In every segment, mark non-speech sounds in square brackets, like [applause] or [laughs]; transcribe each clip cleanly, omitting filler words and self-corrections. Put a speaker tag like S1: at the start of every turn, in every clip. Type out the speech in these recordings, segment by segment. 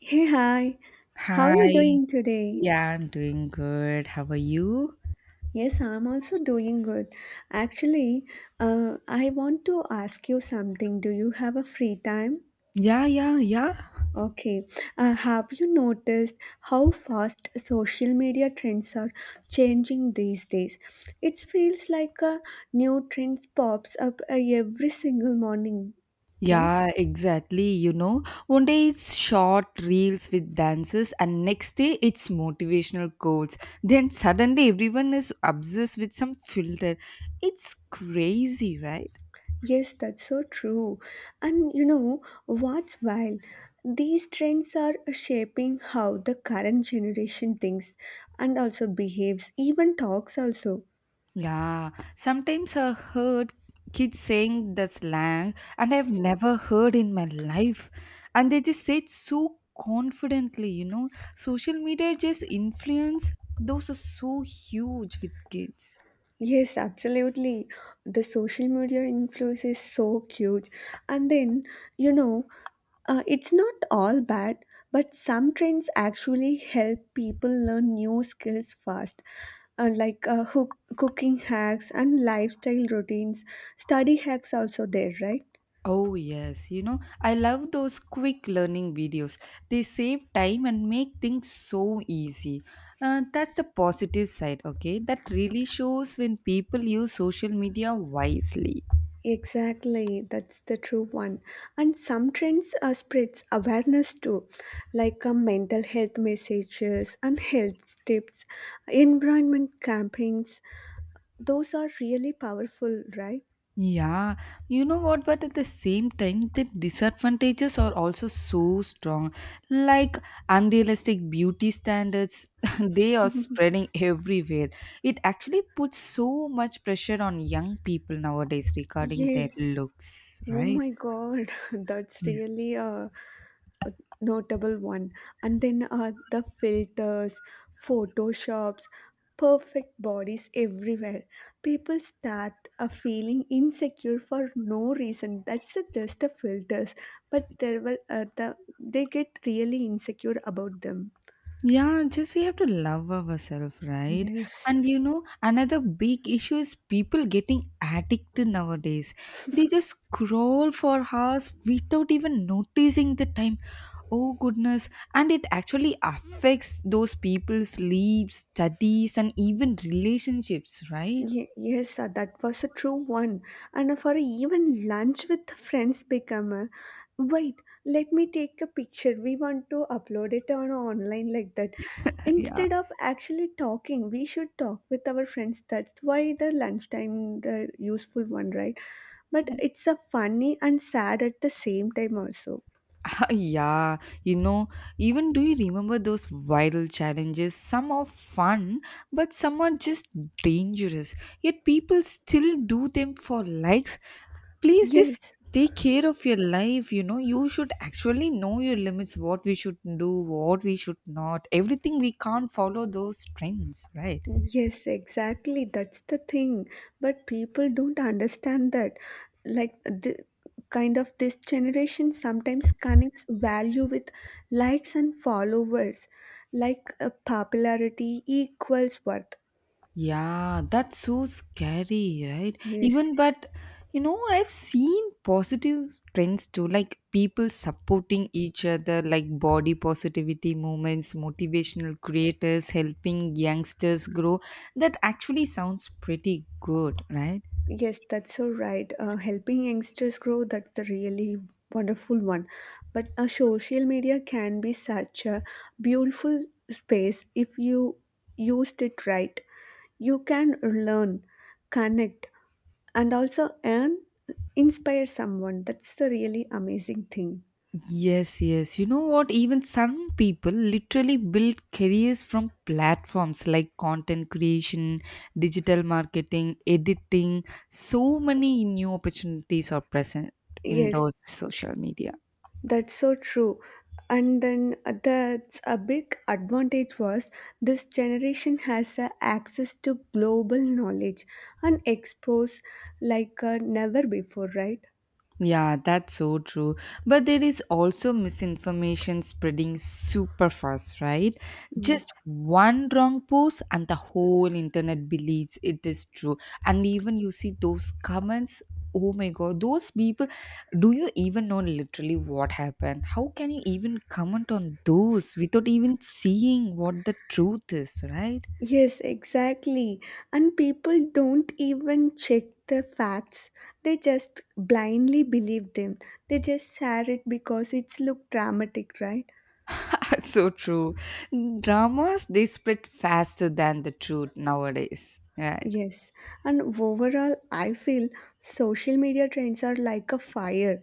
S1: Hey, hi. How are you
S2: Hi.
S1: doing today?
S2: Yeah, I'm doing good. How are you?
S1: Yes, I'm also doing good. Actually, I want to ask you something. Do you have a free time?
S2: Yeah, yeah, yeah.
S1: Okay. Have you noticed how fast social media trends are changing these days? It feels like a new trend pops up every single morning, right?
S2: Yeah, exactly. You know, one day it's short reels with dances, and next day it's motivational quotes. Then suddenly everyone is obsessed with some filter. It's crazy, right?
S1: Yes, that's so true. And you know what's wild? These trends are shaping how the current generation thinks and also behaves, even talks also.
S2: Yeah, sometimes I heard kids saying the slang, and I've never heard in my life. And they just say it so confidently, you know. Social media just influence, those are so huge with kids.
S1: Yes, absolutely. The social media influence is so huge. And then, you know, it's not all bad, but some trends actually help people learn new skills fast, like cooking hacks and lifestyle routines. Study hacks also there, right?
S2: Oh, yes, you know, I love those quick learning videos. They save time and make things so easy. That's the positive side, okay? That really shows when people use social media wisely.
S1: Exactly, that's the true one. And some trends spreads awareness too, like mental health messages and health tips, environment campaigns. Those are really powerful, right?
S2: Yeah, you know what, but at the same time, the disadvantages are also so strong. Like unrealistic beauty standards, [laughs] they are spreading everywhere. It actually puts so much pressure on young people nowadays regarding their
S1: Yes.
S2: looks,
S1: Oh
S2: right?
S1: my God, [laughs] that's really a notable one. And then, the filters, photoshops, perfect bodies everywhere. People start feeling insecure for no reason. That's just a filters, but there were they get really insecure about them.
S2: Yeah, just we have to love ourselves, right?
S1: Yes.
S2: And you know, another big issue is people getting addicted nowadays. They just scroll for hours without even noticing the time. Oh goodness. And it actually affects those people's sleep, studies, and even relationships, right?
S1: Yes, sir, that was a true one. And for even lunch with friends become a wait, let me take a picture. We want to upload it on online like that.
S2: [laughs] yeah.
S1: Instead of actually talking, we should talk with our friends. That's why the lunchtime the useful one, right? But it's a funny and sad at the same time also.
S2: [laughs] Yeah, you know, even do you remember those viral challenges? Some are fun, but some are just dangerous. Yet people still do them for likes. Please
S1: Yes,
S2: just take care of your life, you know. You should actually know your limits, what we should do, what we should not. Everything we can't follow those trends, right?
S1: yes, exactly. That's the thing. But people don't understand that. Like the kind of this generation sometimes connects value with likes and followers, like popularity equals worth.
S2: Yeah, that's so scary, right?
S1: Yes.
S2: Even but you know, I've seen positive trends too, like people supporting each other, like body positivity movements, motivational creators helping youngsters grow. That actually sounds pretty good, right?
S1: Yes, that's so right. Helping youngsters grow, that's the really wonderful one. But social media can be such a beautiful space if you used it right. You can learn, connect, and also earn, inspire someone. That's the really amazing thing.
S2: Yes, yes. You know what? Even some people literally build careers from platforms like content creation, digital marketing, editing. So many new opportunities are present in
S1: Yes,
S2: those social media.
S1: that's so true. And then that's a big advantage was this generation has a access to global knowledge and expose like never before, right?
S2: Yeah, that's so true. But there is also misinformation spreading super fast, right?
S1: Mm.
S2: Just one wrong post and the whole internet believes it is true. And even you see those comments, oh my god, those people, do you even know literally what happened? How can you even comment on those without even seeing what the truth is, right?
S1: Yes, exactly. And people don't even check the facts. They just blindly believe them. They just share it because it's look dramatic, right?
S2: [laughs] So true. Dramas, they spread faster than the truth nowadays, right?
S1: Yes, and overall, I feel social media trends are like a fire.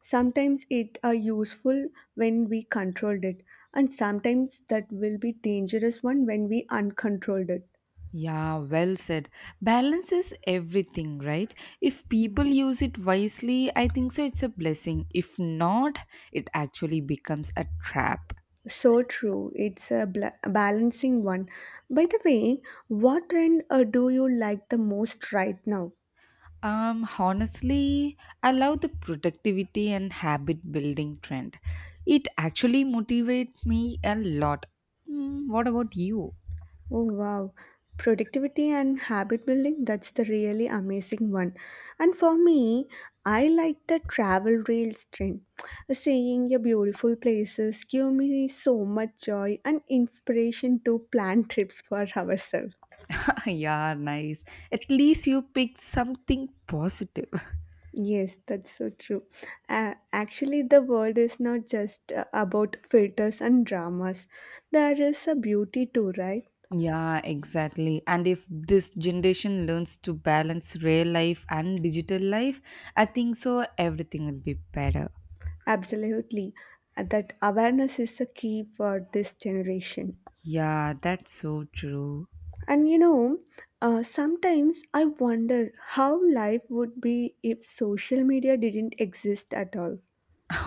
S1: Sometimes it are useful when we controlled it, and sometimes that will be dangerous one when we uncontrolled it.
S2: Yeah, well said. Balance is everything, right? If people use it wisely, I think so it's a blessing. If not, it actually becomes a trap.
S1: So true. It's a bla a balancing one. By the way, what trend do you like the most right now?
S2: Honestly, I love the productivity and habit building trend. It actually motivates me a lot. Mm, what about you?
S1: Oh wow, productivity and habit building, that's the really amazing one. And for me, I like the travel reels trend. Seeing your beautiful places give me so much joy and inspiration to plan trips for [laughs] ourselves.
S2: [laughs] Yeah, nice. At least you picked something positive.
S1: Yes, that's so true. Actually, the world is not just about filters and dramas. There is a beauty too, right?
S2: Yeah, exactly. And if this generation learns to balance real life and digital life, I think so everything will be better.
S1: Absolutely. That awareness is the key for this generation.
S2: Yeah, that's so true. [laughs]
S1: And you know, sometimes I wonder how life would be if social media didn't exist at all.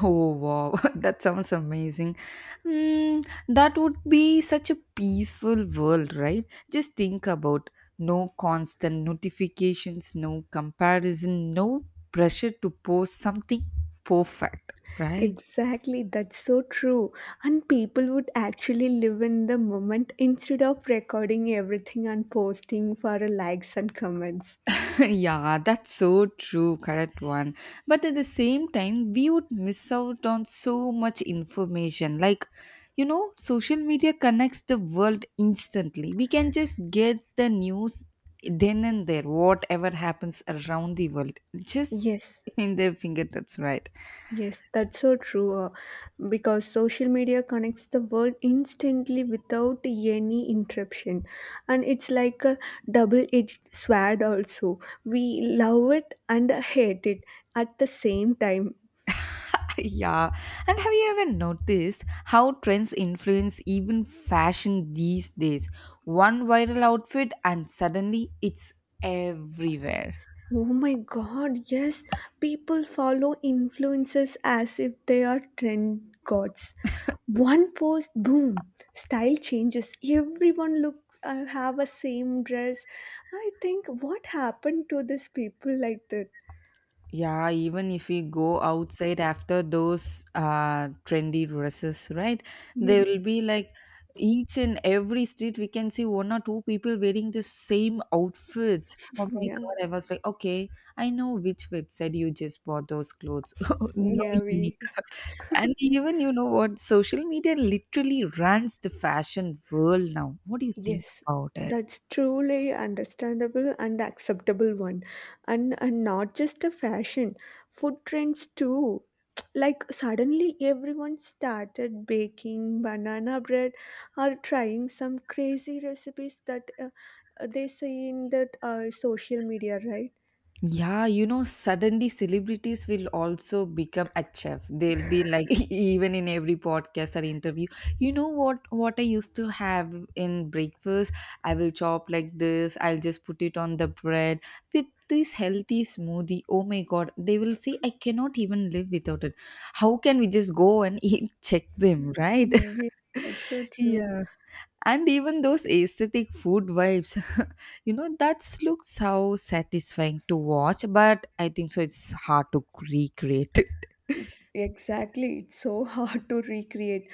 S2: Oh wow, [laughs] that sounds amazing. Mm, that would be such a peaceful world, right? Just think about no constant notifications, no comparison, no pressure to post something perfect, right?
S1: Exactly, that's so true. And people would actually live in the moment instead of recording everything and posting for likes and comments.
S2: [laughs] Yeah, that's so true, correct one. But at the same time, we would miss out on so much information. Like, you know, social media connects the world instantly. We can just get the news then and there, whatever happens around the world, just
S1: Yes,
S2: [laughs] in their fingertips, right?
S1: yes, that's so true. Because social media connects the world instantly without any interruption, and it's like a double-edged sword. Also, we love it and hate it at the same time.
S2: [laughs] yeah. And have you ever noticed how trends influence even fashion these days? One viral outfit, and suddenly it's everywhere.
S1: Oh my god, yes. People follow influencers as if they are trend gods. One post, boom, style changes. Everyone look have a same dress. I think what happened to these people like that?
S2: Yeah, even if we go outside after those trendy dresses, right? There
S1: Yes.
S2: will be like each and every street we can see one or two people wearing the same outfits. Oh
S1: [laughs]
S2: my
S1: Yeah.
S2: God, I was like, okay, I know which website you just bought those clothes. [laughs] No
S1: Yeah,
S2: unique.
S1: we
S2: [laughs] And even you know what? Social media literally runs the fashion world now. What do you think
S1: Yes,
S2: about it?
S1: that's truly understandable and acceptable one. And not just a fashion, food trends too. [tsk] Like suddenly everyone started baking banana bread or trying some crazy recipes that they see in that social media, right?
S2: Yeah, you know, suddenly celebrities will also become a chef. They'll be like [laughs] even in every podcast or interview. You know what I used to have in breakfast? I will chop like this, I'll just put it on the bread with this healthy smoothie. Oh my god, they will say I cannot even live without it. How can we just go and [laughs] eat check them, right?
S1: Mm, yeah, that's so
S2: [laughs]
S1: true.
S2: Yeah, and even those aesthetic food vibes, [laughs] you know that looks so satisfying to watch, but I think so it's hard to recreate.
S1: Exactly. It's so [laughs] hard to recreate.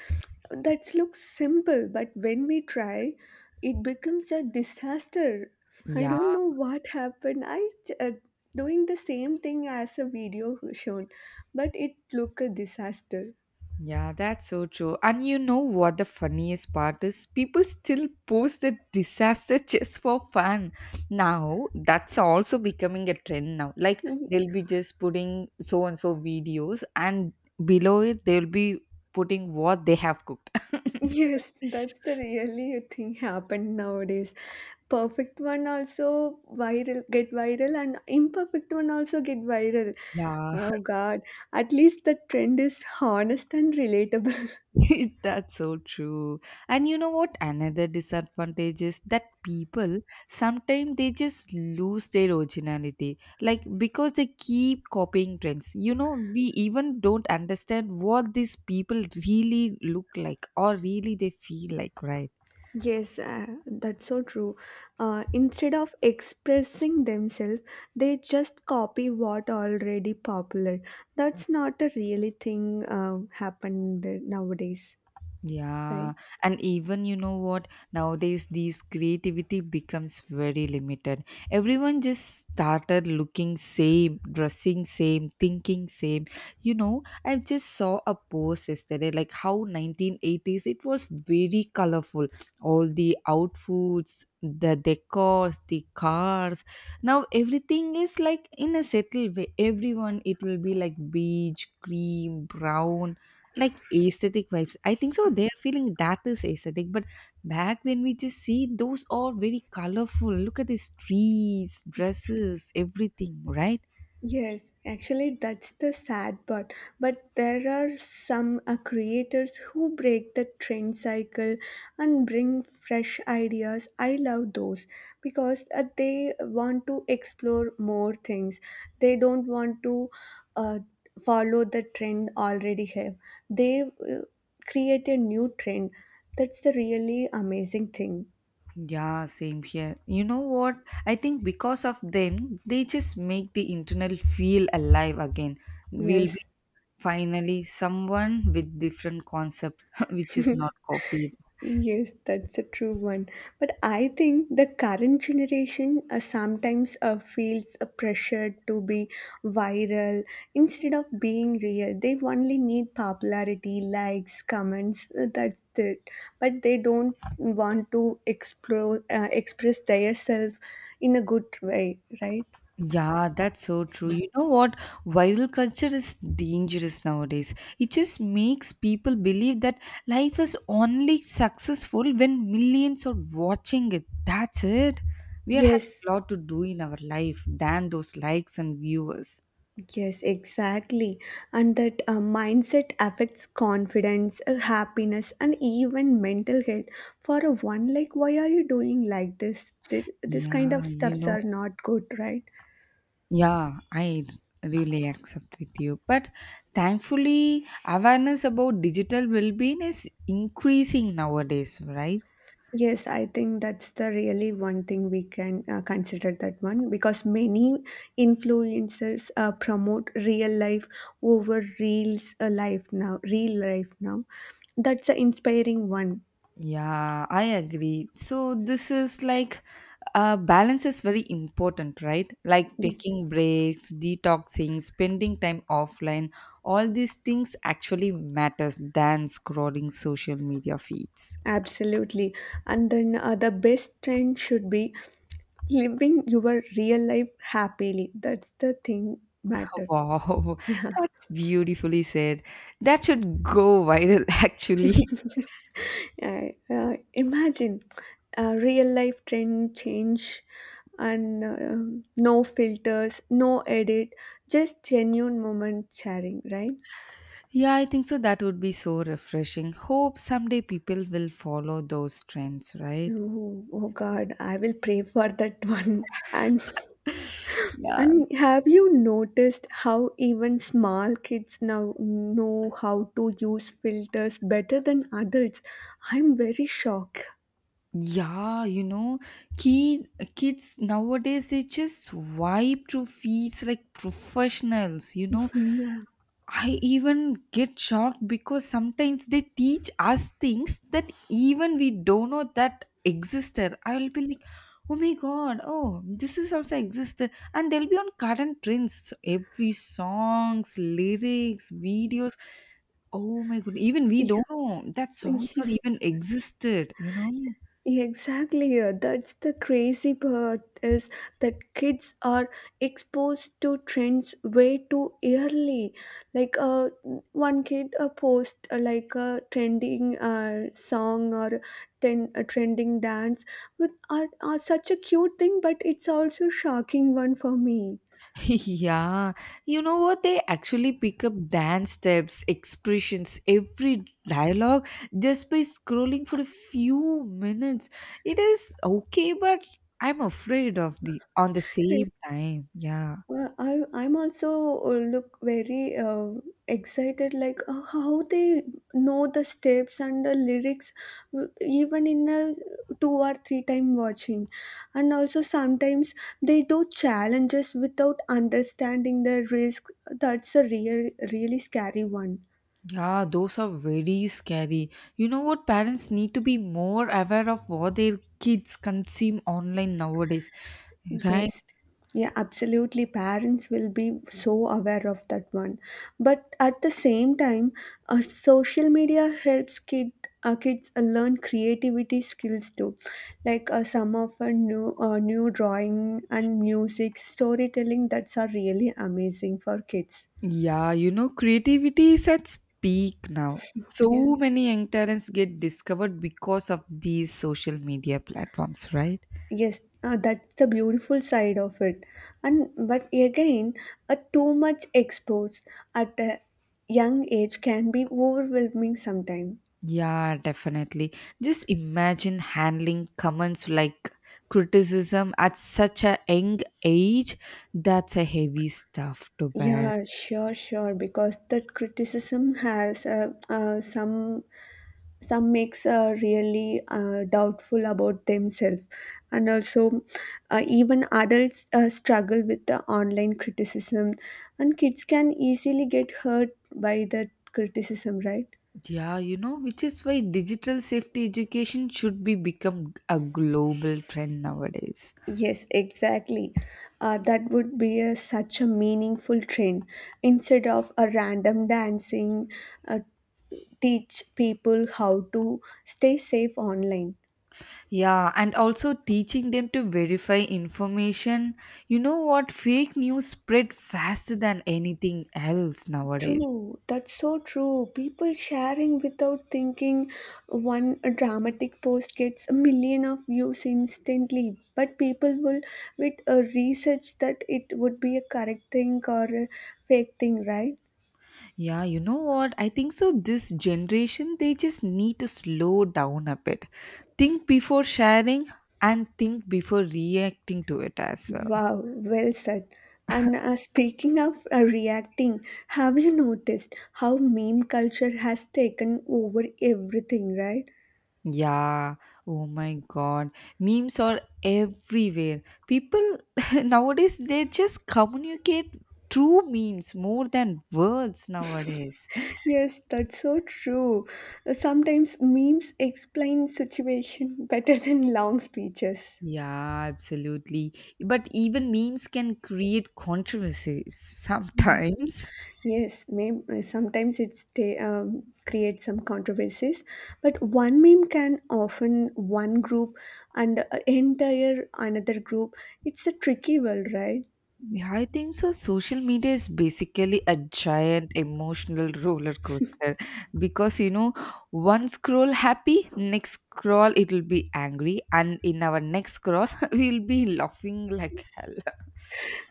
S1: That looks simple, but when we try, it becomes a disaster.
S2: [laughs]
S1: I
S2: Yeah,
S1: don't know what happened. I uh, doing the same thing as a video shown, but it looked a disaster. [laughs]
S2: yeah, that's so true. And you know what the funniest part is, people still post the disaster [laughs] just for fun now. That's also becoming a trend now, like
S1: Y-
S2: they'll be just putting so and so videos and below it they'll be putting what they have cooked. [laughs]
S1: Yes, that's the really thing happened nowadays. Perfect one also viral get viral and imperfect one also get viral.
S2: Yeah.
S1: Oh God, at least the trend is honest and relatable.
S2: [laughs] That's so true. And you know what? Another disadvantage is that people sometimes they just lose their originality, like because they keep copying trends. You know, we even don't understand what these people really look like or really they feel like, right?
S1: Yes, that's so true. Instead of expressing themselves, they just copy what already popular. That's not a really thing happened nowadays, right?
S2: Yeah, and even you know what? Nowadays, these creativity becomes very limited. Everyone just started looking same, dressing same, thinking same. You know, I just saw a post yesterday, like how 1980s it was very colorful. All the outfits, the decors, the cars. Now everything is like in a settled way. Everyone, it will be like beige, cream, brown like aesthetic vibes. I think so. They are feeling that is aesthetic. But back when we just see those are very colorful. Look at these trees, dresses, everything, right?
S1: Yes, actually, that's the sad part. But there are some creators who break the trend cycle and bring fresh ideas. I love those because they want to explore more things. They don't want to uh, follow the trend already have. They create a new trend. That's the really amazing thing.
S2: Yeah, same here. You know what? I think because of them, they just make the internal feel alive again. We'll be
S1: Yes.
S2: finally someone with different concept [laughs] which is not copied.
S1: Yes, that's a true one. But I think the current generation sometimes feels a pressure to be viral instead of being real. They only need popularity, likes, comments. That's it. But they don't want to explore, express themselves in a good way, right?
S2: Yeah, that's so true. You know what? Viral culture is dangerous nowadays. It just makes people believe that life is only successful when millions are watching it. That's it. We are having
S1: Yes,
S2: a lot to do in our life than those likes and viewers.
S1: yes, exactly. And that mindset affects confidence, happiness, and even mental health. For a one, like, why are you doing like this? This kind of
S2: Yeah, you
S1: stuffs
S2: know,
S1: are not good, right?
S2: yeah, I really accept with you. But thankfully, awareness about digital well being is increasing nowadays, right?
S1: Yes, I think that's the really one thing we can consider that one because many influencers promote real life over reels life now, real life now. That's an inspiring one.
S2: Yeah, I agree. So this is like balance is very important, right? Like
S1: Yes.
S2: taking breaks, detoxing, spending time offline, all these things actually matters than scrolling social media feeds.
S1: Absolutely. And then the best trend should be living your real life happily. That's the thing matter. [laughs]
S2: Wow,
S1: Yeah.
S2: [laughs] that's beautifully said. That should go viral [laughs] actually.
S1: Imagine real life trend change and no filters, no edit, just genuine moment sharing, right?
S2: Yeah, I think so. That would be so refreshing. Hope someday people will follow those trends, right?
S1: Oh, oh God, I will pray for that [laughs] one. And
S2: Yeah,
S1: And have you noticed how even small kids now know how to use filters better than adults? I'm very shocked.
S2: yeah, you know, kid, kids nowadays they just swipe through feeds like professionals. You know,
S1: [laughs] Yeah.
S2: I even get shocked because sometimes they teach us things that even we don't know that existed. I'll be like, oh my god, oh this is also existed, and they'll be on current trends. So every songs, lyrics, videos. Oh my god, even we
S1: Yeah.
S2: don't know that songs are
S1: Yes.
S2: even existed. You know.
S1: Exactly, that's the crazy part is that kids are exposed to trends way too early. Like one kid post like a trending song or a trending dance with such a cute thing, but it's also shocking one for me.
S2: [laughs] Yeah, you know what? They actually pick up dance steps, expressions, every dialogue just by scrolling for a few minutes. It is okay, but I'm afraid of the on the
S1: Yeah.
S2: same time. Yeah,
S1: Well, I'm also look very excited, like how they know the steps and the lyrics, even in a two or three time watching. And also sometimes they do challenges without understanding the risk. That's a really scary one.
S2: yeah, those are very scary. You know what? Parents need to be more aware of what their kids consume online nowadays, right?
S1: Yes. Yeah, absolutely. Parents will be so aware of that one. But at the same time, social media helps kids learn creativity skills too. Like some of our new drawing and music, storytelling, that's are really amazing for kids.
S2: Yeah, you know, creativity is at peak now.
S1: Yeah.
S2: So many young talents get discovered because of these social media platforms, right?
S1: Yes, that's the beautiful side of it. And but again, a too much exposed at a young age can be overwhelming sometimes.
S2: Yeah, definitely. Just imagine handling comments like criticism at such a young age. That's a heavy stuff to bear.
S1: Yeah, sure, sure. Because that criticism has some makes really doubtful about themselves, and also even adults struggle with the online criticism, and kids can easily get hurt by that criticism, right?
S2: Yeah, you know, which is why digital safety education should be become a global trend nowadays.
S1: Yes, exactly. That would be such a meaningful trend. Instead of a random dancing, uh, teach people how to stay safe online.
S2: Yeah, and also teaching them to verify information. You know what? Fake news spread faster than anything else nowadays.
S1: True, that's so true. People sharing without thinking. One dramatic post gets a million of views instantly, but people will with a research that it would be a correct thing or a fake thing, right?
S2: Yeah, you know what? I think so. This generation, they just need to slow down a bit. Think before sharing and think before reacting to it as well.
S1: Wow, well said. And speaking of reacting, have you noticed how meme culture has taken over everything, right?
S2: Yeah, oh my god. Memes are everywhere. People [laughs] nowadays, they just communicate through memes more than words nowadays.
S1: Yes, that's so true. Sometimes memes explain situation [laughs] better than long speeches.
S2: Yeah, absolutely. But even memes can create controversies sometimes.
S1: Yes, sometimes it's they create some controversies, but one meme can often one group and entire another group. It's a tricky world, right?
S2: Yeah, I think so. Social media is basically a giant emotional roller coaster because you know, one scroll happy, next scroll it'll be angry, and in our next scroll, [laughs] we'll be laughing like hell.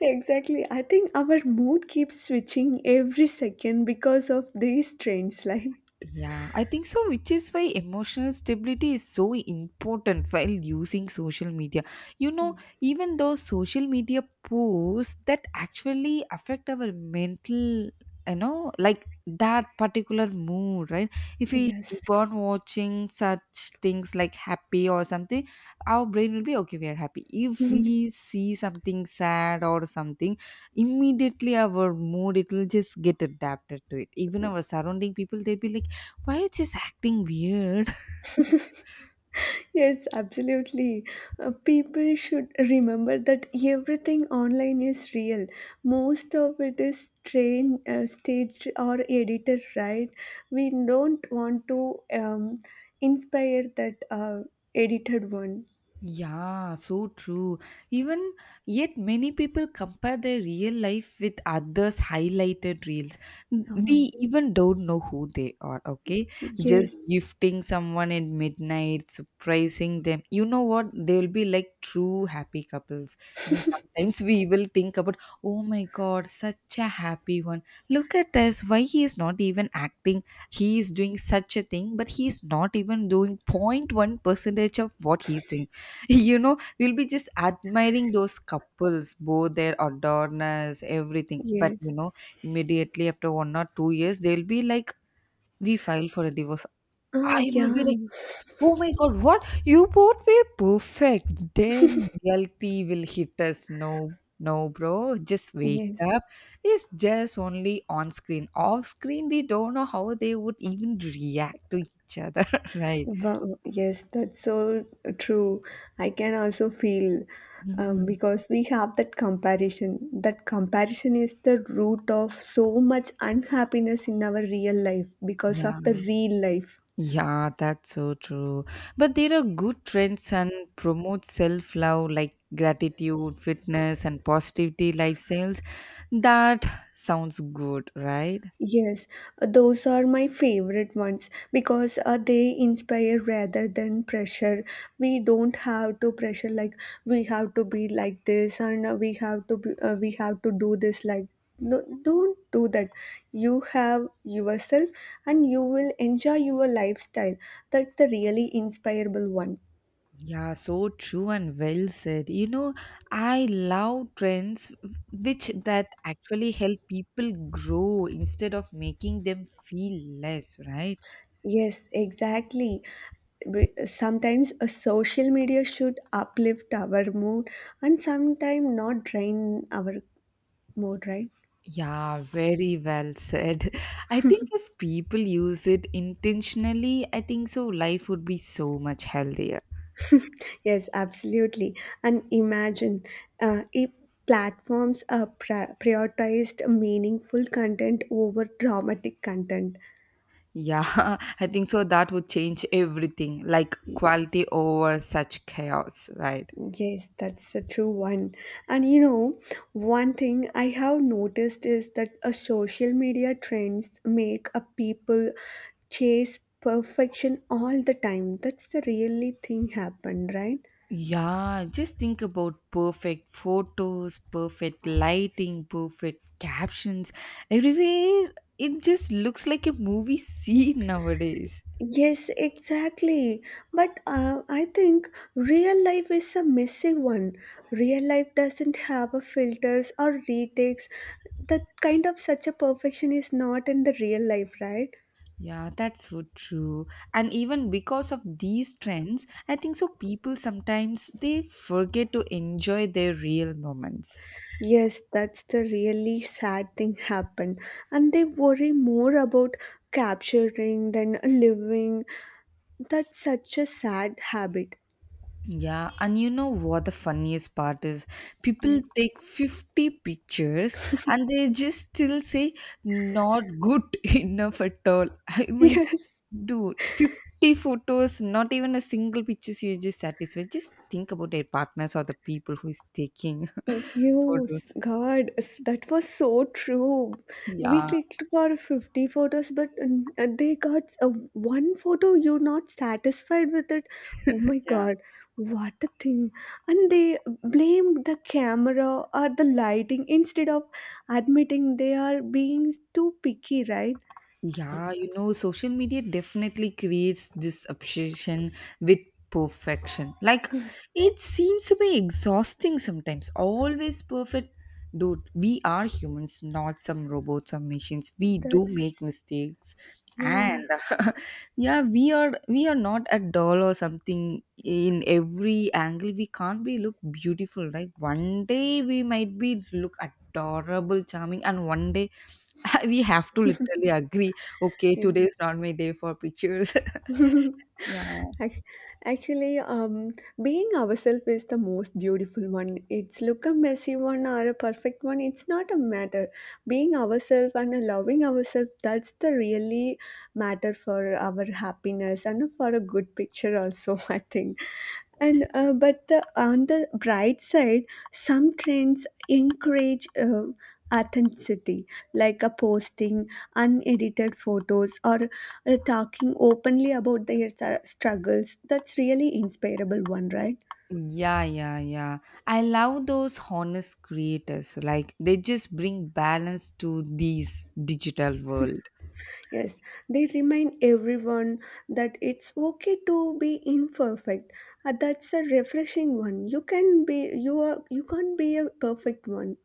S1: Exactly. I think our mood keeps switching every second because of these trends. Like,
S2: Yeah, I think so, which is why emotional stability is so important while using social media. You know, even though social media posts that actually affect our mental, you know, like that particular mood, right? If we
S1: yes,
S2: keep on watching such things like happy or something, our brain will be okay, we are happy. If we see something sad or something, immediately our mood it will just get adapted to it. Even our surrounding people, they'll be like, why it is this acting weird?
S1: yes, absolutely. People should remember that everything online is real. Most of it is staged or edited, right? We don't want to inspire that edited one.
S2: Yeah, so true. Even yet, many people compare their real life with others' highlighted reels. We
S1: Oh,
S2: even don't know who they are, okay? Just
S1: yes,
S2: gifting someone at midnight, surprising them. You know what? They will be like true happy couples. Even sometimes we will think about, oh my god, such a happy one. Look at us. Why he is not even acting? He is doing such a thing, but he is not even doing point one percentage of what he is doing. [laughs] You know, we'll be just admiring those couples, both their adorners, everything, but
S1: yes.
S2: immediately after 1 or 2 years they'll be like, we filed for a divorce.
S1: Ah,
S2: I will be
S1: yeah,
S2: like, oh my god, what, you both were perfect then. Reality will hit us. No, no, bro, just wake
S1: yes.
S2: up. It's just only on screen. Off screen we don't know how they would even react to each other. [laughs] Right.
S1: Wow, yes, that's so true. I can also feel
S2: Mm,
S1: because we have that comparison. That comparison is the root of so much unhappiness in our real life because
S2: yeah.
S1: of the real life.
S2: Yeah, that's so true. But there are good trends and promote self love, like gratitude, fitness, and positivity lifestyles. That sounds good, right?
S1: Yes, those are my favorite ones because they inspire rather than pressure. We don't have to pressure like we have to be like this and we have to do this like no don't do that. You have yourself and you will enjoy your lifestyle. That's the really inspirable one.
S2: Yeah, so true and well said. I love trends which that actually help people grow instead of making them feel less, right?
S1: Yes, exactly. Sometimes a social media should uplift our mood and sometimes not drain our mood, right?
S2: Yeah, very well said. [laughs] I think if people use it intentionally, I think so life would be so much healthier.
S1: Yes, absolutely. And imagine if platforms are prioritized meaningful content over dramatic content.
S2: Yeah, [laughs] I think so that would change everything, like quality over such chaos, right?
S1: Yes, that's a true one. And one thing I have noticed is that a social media trends make a people chase perfection all the time. That's the really thing happened, right?
S2: Yeah, just think about perfect photos, perfect lighting, perfect captions everywhere. It just looks like a movie [laughs] scene nowadays.
S1: Yes, exactly. But I think real life is a missing one. Real life doesn't have a filters or retakes. That kind of such a perfection is not in the real life, right?
S2: Yeah, that's so true. And even because of these trends, I think so people sometimes they forget to enjoy their real moments.
S1: Yes, that's the really sad thing happened. And they worry more about capturing than living. That's such a sad habit.
S2: Yeah, and you know what the funniest part is?
S1: Yeah.
S2: People take
S1: [laughs]
S2: 50 pictures and they just still say not good [laughs] enough at all. [laughs] I mean,
S1: Yes.
S2: dude, 50 photos, not even a single pictures you just satisfied. Just think about their partners or the people who is taking [laughs]
S1: Yes,
S2: photos.
S1: God, that was so true. We
S2: Yeah,
S1: clicked for 50 photos, but they got one photo. You're not satisfied with it. Oh my
S2: yeah.
S1: God, what a thing. And they blamed the camera or the lighting instead of admitting they are being too picky, right?
S2: Yeah, social media definitely creates this obsession with perfection. Like, it seems to be exhausting sometimes. Always perfect. Dude, we are humans, not some robots or machines. We do
S1: That's,
S2: make mistakes.
S1: yeah.
S2: And [laughs] yeah, we are not a doll or something in every angle. We can't be look beautiful, right? One day we might be look adorable, charming, and one day [laughs] we have to
S1: [laughs]
S2: literally agree, okay,
S1: Yeah.
S2: today is not my day for pictures. [laughs]
S1: [laughs]
S2: Yeah.
S1: Ac- Actually, being ourselves is the most beautiful one. It's look a messy one or a perfect one. It's not a matter. Being ourselves and loving ourselves, that's the really matter for our happiness and for a good picture also, [laughs] I think. And but the, on the bright side, some trends encourage authenticity, like a posting unedited photos or talking openly about their struggles. That's really inspirable one, right?
S2: Yeah, yeah, yeah. I love those honest creators. Like they just bring balance to this digital world.
S1: Yes, they remind everyone that it's okay to be imperfect. That's a refreshing one. You can be you are you can't be a perfect one,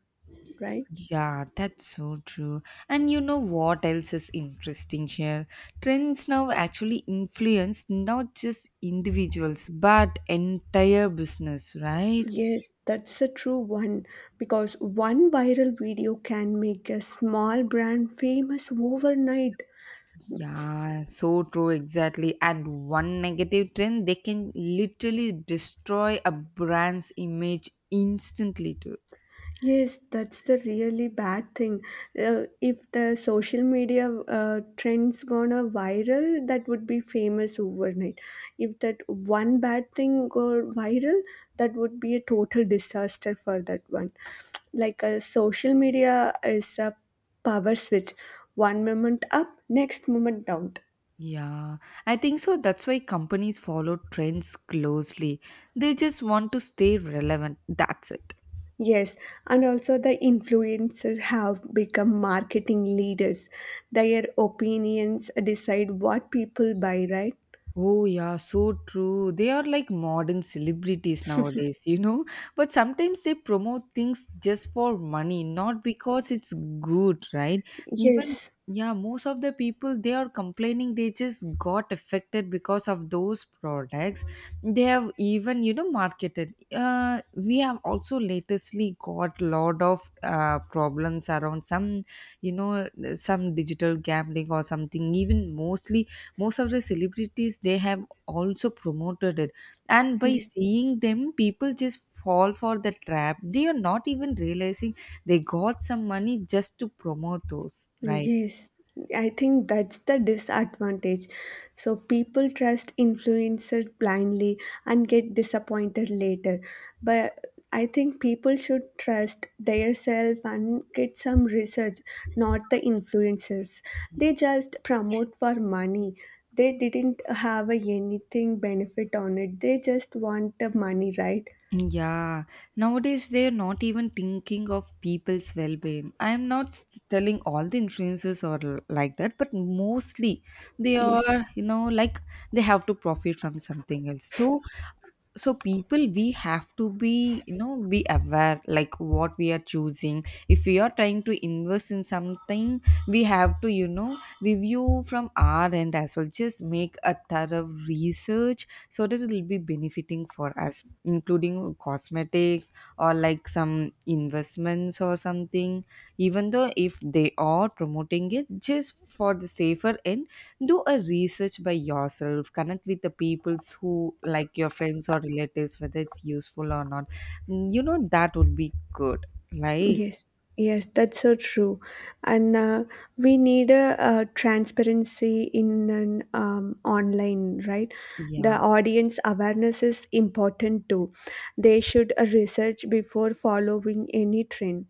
S1: right?
S2: Yeah, that's so true. And you know what else is interesting here? Trends now actually influence not just individuals but entire business, right?
S1: Yes, that's a true one because one viral video can make a small brand famous overnight.
S2: Yeah, so true, exactly. And one negative trend, they can literally destroy a brand's image instantly, too.
S1: Yes, that's the really bad thing. If the social media trends gonna viral, that would be famous overnight. If that one bad thing go viral, that would be a total disaster for that one. Like a social media is a power switch. One moment up, next moment down.
S2: Yeah, I think so. That's why companies follow trends closely. They just want to stay relevant. That's it.
S1: Yes, and also the influencers have become marketing leaders. Their opinions decide what people buy, right?
S2: Oh, yeah, so true. They are like modern celebrities nowadays, But sometimes they promote things just for money, not because it's good, right? Even,
S1: Yes,
S2: yeah, most of the people they are complaining they just got affected because of those products. They have even, marketed. We have also latestly got lot of problems around some, you know, some digital gambling or something, even mostly most of the celebrities they have also promoted it, and by
S1: yes.
S2: seeing them people just fall for the trap. They are not even realizing they got some money just to promote those, right?
S1: Yes, I think that's the disadvantage. So people trust influencers blindly and get disappointed later. But I think people should trust their self and get some research, not the influencers. They just promote for money. They didn't have a anything benefit on it. They just want the money, right?
S2: Yeah, nowadays they are not even thinking of people's well being. I am not s- telling all the influencers are l- like that, but mostly they
S1: Yes.
S2: are, like, they have to profit from something else. So people, we have to be, be aware, like what we are choosing. If we are trying to invest in something, we have to, review from our end as well, just make a thorough research, so that it will be benefiting for us, including cosmetics or like some investments or something. Even though if they are promoting it, just for the safer end, do a research by yourself, connect with the peoples who like your friends or relatives, whether it's useful or not. Mm, that would be good, like,
S1: Yes, yes, that's so true. And We need a, transparency in an online, right? The
S2: yeah,
S1: audience awareness is important too. They should research before following any trend.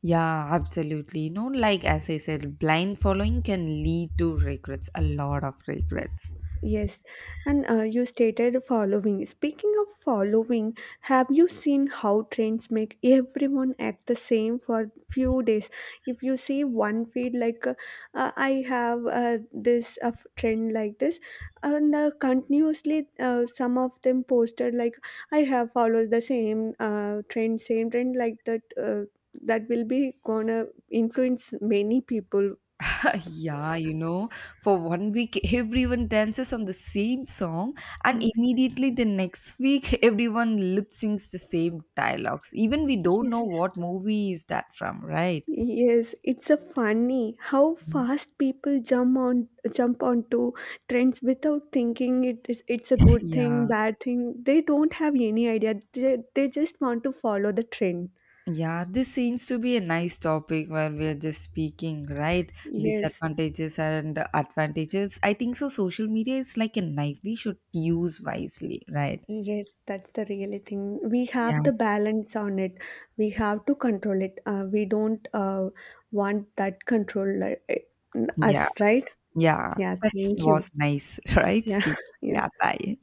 S2: yeah, absolutely. Like as I said, blind following can lead to regrets, a lot of regrets.
S1: Yes, and you stated following. Speaking of following, have you seen how trends make everyone act the same for few days? If you see one feed like I have this trend like this, and continuously some of them posted like I have followed the same trend, same trend like that. That will be gonna influence many people.
S2: [laughs] Yeah, for 1 week everyone dances on the same song, and
S1: Mm.
S2: immediately the next week [laughs] everyone lip syncs the same dialogues, even we don't know
S1: Yes.
S2: what movie is that from, right?
S1: Yes, it's a funny how fast people jump onto trends without thinking it is it's a good
S2: Yeah,
S1: thing, bad thing. They don't have any idea. They just want to follow the trend.
S2: yeah, this seems to be a nice topic where we are just speaking, right?
S1: Yes,
S2: Disadvantages and advantages. I think so. Social media is like a knife we should use wisely, right?
S1: yes, that's the really thing. We
S2: Yeah,
S1: have the balance on it. We have to control it. We don't want that control
S2: yeah,
S1: us, right?
S2: yeah.
S1: Yeah,
S2: That
S1: thank
S2: was
S1: you.
S2: nice, [laughs] right?
S1: Yeah,
S2: Speak.
S1: [laughs] yeah.
S2: Yeah, bye.